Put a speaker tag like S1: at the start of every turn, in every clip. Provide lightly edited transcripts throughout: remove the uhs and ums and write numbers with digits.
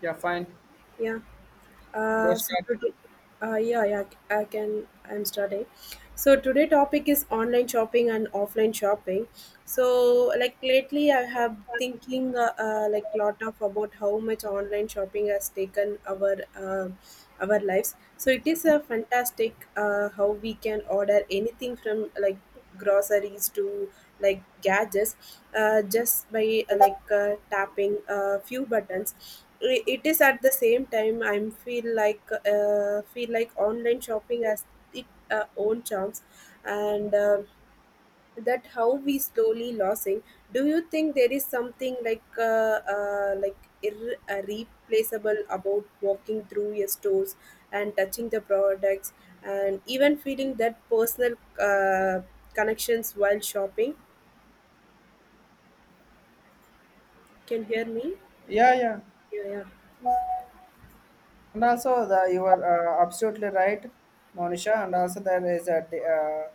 S1: Yeah, fine.
S2: Yeah.
S1: Go
S2: So
S1: start.
S2: today, uh, yeah, yeah, I can. I'm starting. So today topic is online shopping and offline shopping. So like lately, I have thinking like lot of about how much online shopping has taken our our lives. So it is a fantastic how we can order anything from like groceries to like gadgets just by like tapping a few buttons. It is at the same time I'm feel like online shopping has its own charms, and that how we slowly losing. Do you think there is something like replaceable about walking through your stores and touching the products and even feeling that personal connections while shopping? Can hear me?
S1: Yeah, yeah.
S2: Yeah, yeah.
S1: And also, the, you are absolutely right, Monisha. And also, there is a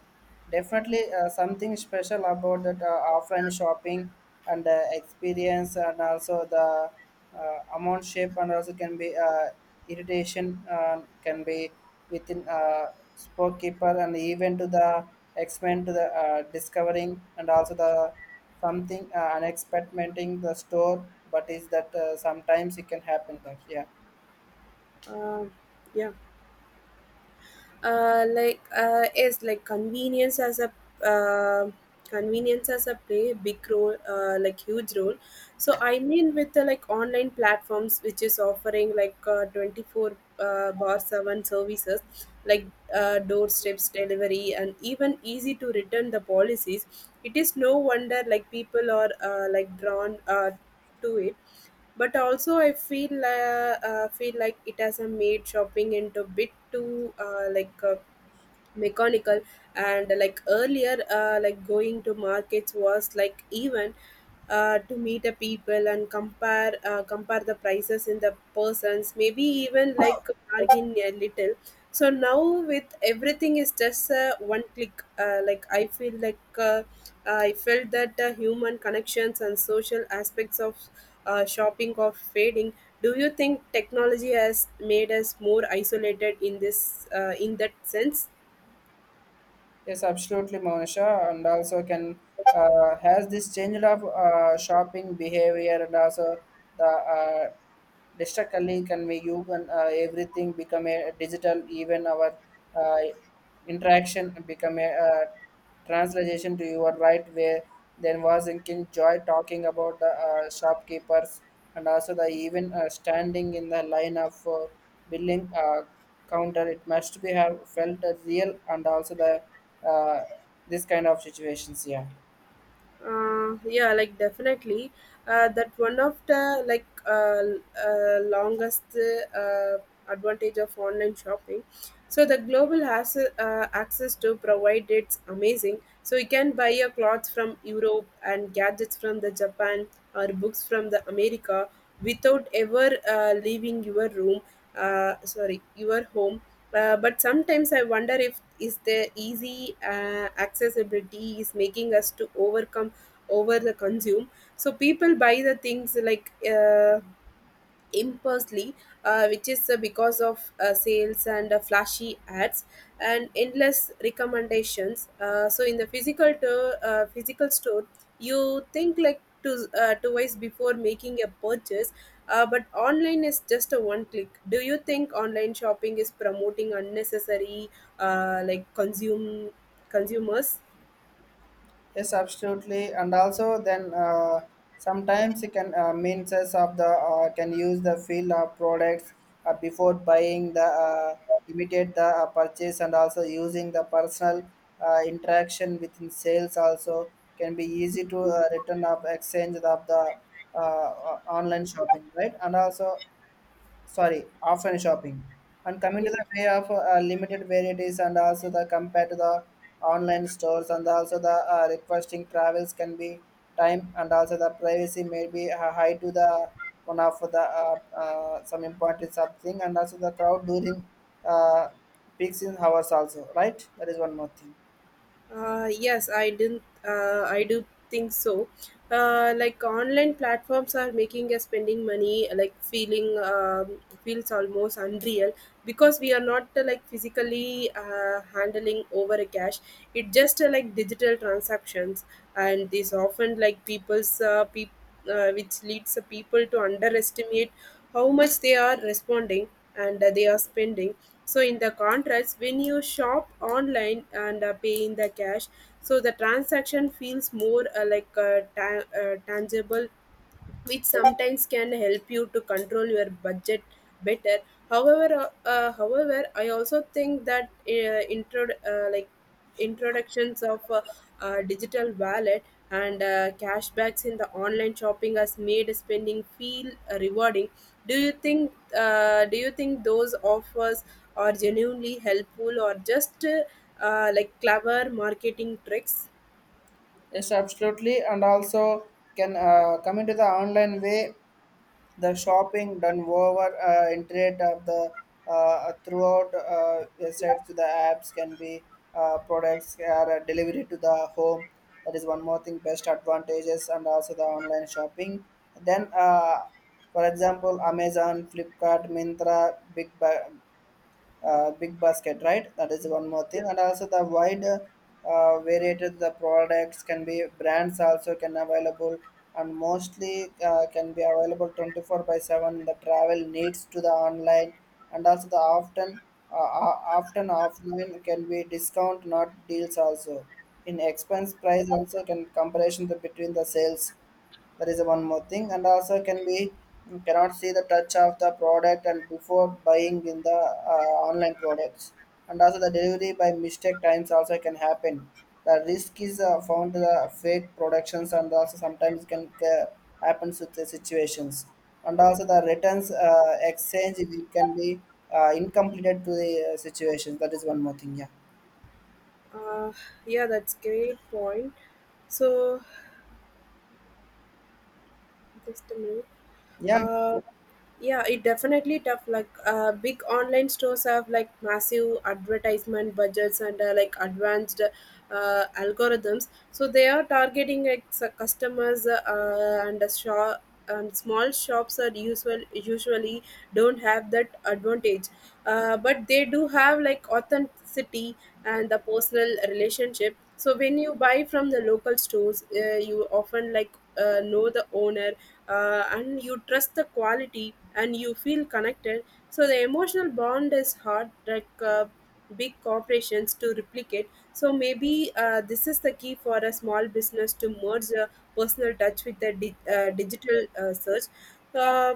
S1: definitely something special about that offline shopping and experience, and also the amount shape, and also can be irritation can be within storekeeper, and even to the extent to the discovering, and also the something unexpected in the store. But is that sometimes it can happen that yeah.
S2: Um, yeah. Like is like uh, convenience as a play a big role, like huge role. So I mean with the like online platforms which is offering like 24 bar 7 services, like doorsteps delivery and even easy to return the policies. It is no wonder like people are like drawn to it. But also I feel like it has a made shopping into bit too mechanical. And like earlier like going to markets was like even to meet a people and compare the prices in the persons, maybe even like bargain a little. So now with everything is just one click, like I felt that human connections and social aspects of shopping of fading. Do you think technology has made us more isolated in this in that sense?
S1: Yes, absolutely, Monisha, and also can has this changed of shopping behavior, and also the distractly can we use, and everything become a digital, even our uh, interaction become a translation to your right way. Then was thinking joy talking about the shopkeepers and also the even standing in the line of billing counter, it must be have felt real and also the uh, this kind of situations, yeah.
S2: Yeah, like definitely. That one of the longest uh, advantage of online shopping. So the global has access to provide, it's amazing. So you can buy your clothes from Europe and gadgets from the Japan or books from the America without ever leaving your room, sorry, your home. But sometimes I wonder if is the easy accessibility is making us to overcome over the consume. So people buy the things like impulsively, which is because of sales and flashy ads and endless recommendations. So in the physical store, you think like twice before making a purchase. But online is just a one click. Do you think online shopping is promoting unnecessary uh, like consume consumers?
S1: Yes, absolutely. And also, then sometimes you can means as of the can use the field of products before buying the immediate the purchase, and also using the personal interaction within sales also can be easy to return of exchange of the online shopping, right? And also, sorry, offline shopping. And coming
S2: Yeah.
S1: to the way of limited varieties and also the compared to the online stores, and also the requesting travels can be time, and also the privacy may be high to the one of the some important something, and also the crowd during uh, peaks in hours also, right, that is one more thing.
S2: Yes, I didn't. I do think so. Like online platforms are making us spending money, like feeling feels almost unreal because we are not like physically handling over a cash. It just like digital transactions, and this often like people which leads the people to underestimate how much they are responding and they are spending. So, in the contrast, when you shop online and pay in the cash, so the transaction feels more tangible, which sometimes can help you to control your budget better. However, I also think that introductions of digital wallet and cashbacks in the online shopping has made spending feel rewarding. Do you think those offers are genuinely helpful or just like clever marketing tricks?
S1: Yes, absolutely. And also can coming to the online way, the shopping done over internet of the throughout sites to the apps can be products are delivered to the home. That is one more thing, best advantages and also the online shopping. Then, for example, Amazon, Flipkart, Mintra, big basket, right? That is one more thing, and also the wide variated the products can be brands also can available, and mostly can be available 24/7 in the travel needs to the online, and also the often often offline can be discount not deals also in expense price also can comparison the, between the sales, that is one more thing. And also can be cannot see the touch of the product and before buying in the online products, and also the delivery by mistake times also can happen, the risk is found to the fake productions, and also sometimes can happens with the situations, and also the returns exchange it can be incompleted to the situations, that is one more thing, yeah.
S2: Uh, yeah, that's great point. So just a minute.
S1: Yeah.
S2: Uh, yeah, it definitely tough. Like big online stores have like massive advertisement budgets and like advanced algorithms. So they are targeting like customers and a shop. And small shops are usually don't have that advantage, but they do have like authenticity and the personal relationship. So when you buy from the local stores, you often like know the owner, and you trust the quality and you feel connected, so the emotional bond is hard like big corporations to replicate. So maybe this is the key for a small business to merge a personal touch with the digital search. Uh,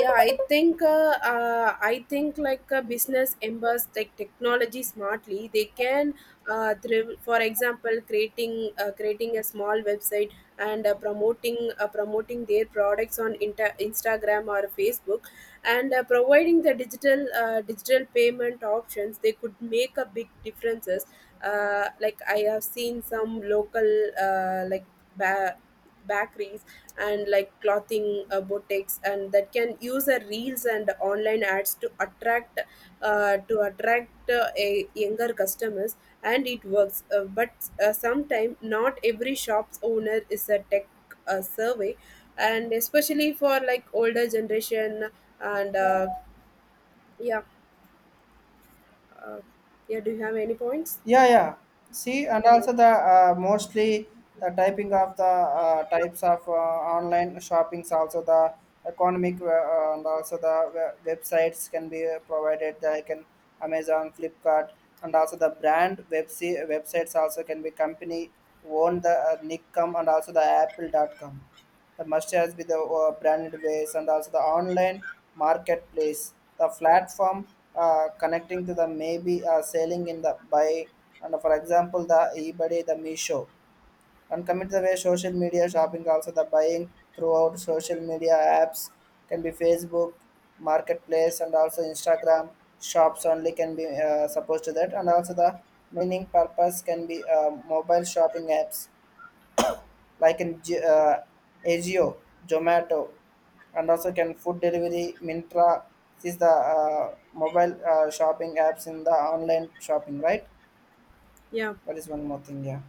S2: I think like a business embers like technology smartly, they can thrive. For example, creating a small website and promoting their products on Instagram or Facebook, and providing the digital payment options, they could make a big differences. Like I have seen some local like ba- bakeries and like clothing boutiques, and that can use reels and online ads to attract a younger customers, and it works. But sometimes not every shop's owner is a tech survey, and especially for like older generation. And yeah uh, yeah, do you have any points?
S1: Yeah, yeah. See, and
S2: uh,
S1: also the mostly the typing of the types of online shoppings, also the economic and also the websites can be provided. They can Amazon, Flipkart, and also the brand websites also can be company owned, the Nick.com and also the Apple.com. The must-has be the branded ways and also the online marketplace. The platform connecting to the maybe selling in the buy, and for example the eBay, the Meesho. And coming to the way social media shopping, also the buying throughout social media apps can be Facebook, marketplace and also Instagram shops only, can be supposed to that, and also the meaning purpose can be mobile shopping apps like in Azio, Zomato, and also can food delivery, Mintra. This is the mobile shopping apps in the online shopping, right?
S2: yeah.
S1: That is one more thing, yeah.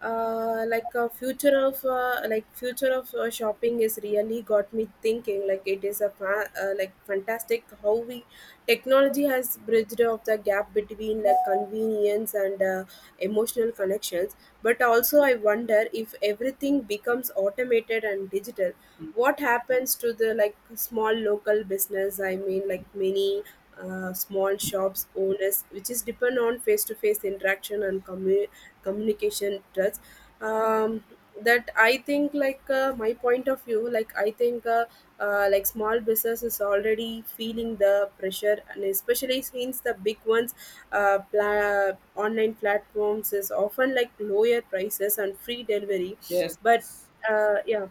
S2: like a future of shopping is really got me thinking. Like it is a like fantastic how we technology has bridged of the gap between like convenience and emotional connections. But also I wonder if everything becomes automated and digital, what happens to the like small local business? I mean like many small shops owners which is depend on face to face interaction and communication trust. Um, that i think like uh, my point of view, like I think like small business is already feeling the pressure, and especially since the big ones online platforms is often like lower prices and free delivery.
S1: Yes,
S2: But yeah,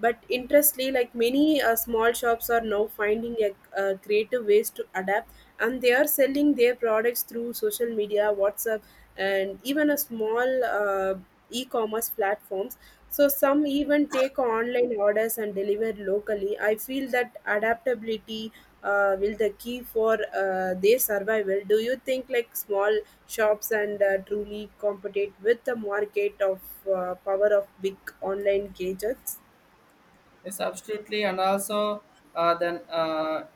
S2: but interestingly like many small shops are now finding a creative ways to adapt, and they are selling their products through social media, WhatsApp, and even a small e-commerce platforms. So some even take online orders and deliver locally. I feel that adaptability will the key for their survival. Do you think like small shops and truly compete with the market of power of big online gadgets?
S1: yes, absolutely. And also, then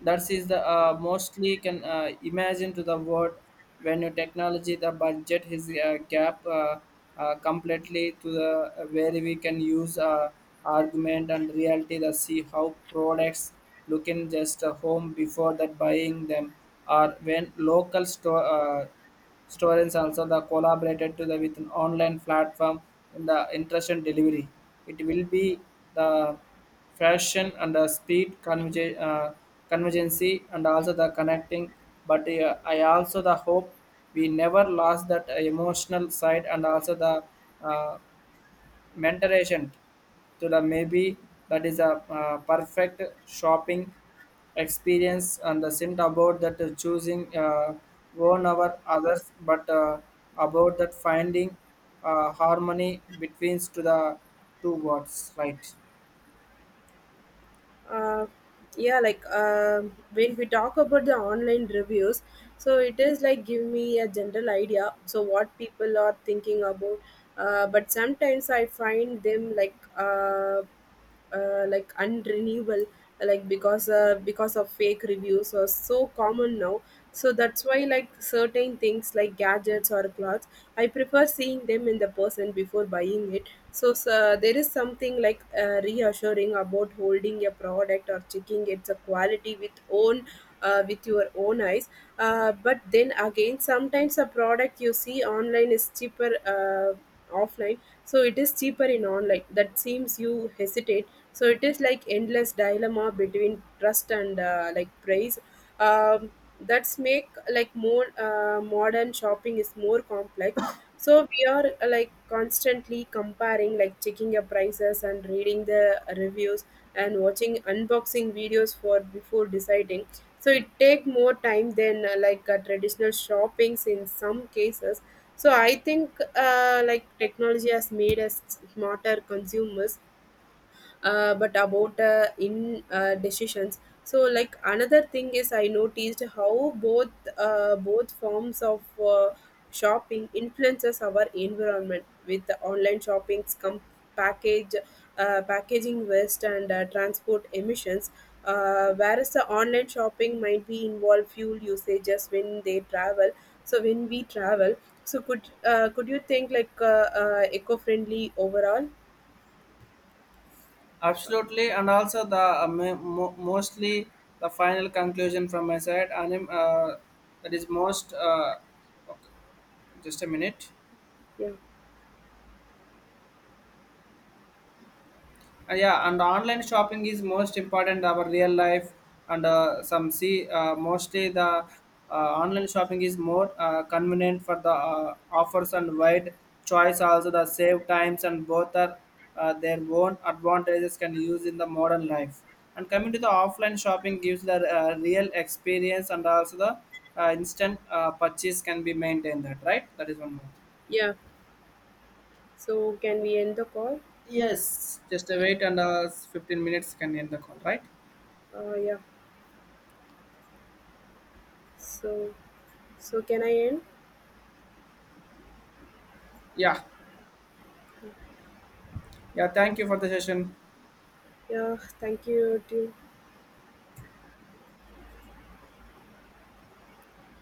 S1: that is the mostly can imagine to the world when your technology the budget is gap completely to the where we can use argument and reality to see how products look in just a home before that buying them, or when local store Students also the collaborated to the with an online platform in the interest and delivery. It will be the fashion and the speed converge, convergency and also the connecting. But I also the hope we never lost that emotional side, and also the uh, mentoration to the maybe, that is a perfect shopping experience and the sent about that choosing one over others, but about that finding harmony between to the two words, right?
S2: uh, yeah, like um, when we talk about the online reviews, so it is like give me a general idea, so what people are thinking about. But sometimes I find them like unrenewable, like because of fake reviews are so common now. So that's why like certain things like gadgets or clothes, I prefer seeing them in the person before buying it. So there is something like reassuring about holding a product or checking its quality with own with your own eyes. But then again, sometimes a product you see online is cheaper offline, so it is cheaper in online. That seems you hesitate. So it is like endless dilemma between trust and like price. Um, that's make like more modern shopping is more complex. So we are like constantly comparing, like checking your prices and reading the reviews and watching unboxing videos for before deciding, so it take more time than traditional shoppings in some cases. So I think like technology has made us smarter consumers, but about in decisions so like another thing is I noticed how both forms of shopping influences our environment. With the online shoppings come package packaging waste and transport emissions, whereas the online shopping might be involve fuel usages when they travel, so when we travel. So could you think like eco-friendly overall?
S1: Absolutely. And also the mostly the final conclusion from my side, and that is most okay, just a minute.
S2: Yeah,
S1: Yeah, and online shopping is most important our real life, and some see mostly the online shopping is more convenient for the offers and wide choice, also the save times, and both are their own advantages can use in the modern life. And coming to the offline shopping gives the real experience, and also the instant purchase can be maintained, that right, that is one more.
S2: yeah. So can we end the call?
S1: Yes. Just wait, and 15 minutes can end the call, right?
S2: Yeah. So so can I end?
S1: Yeah. Yeah, thank you for the session.
S2: Yeah. Thank you. To,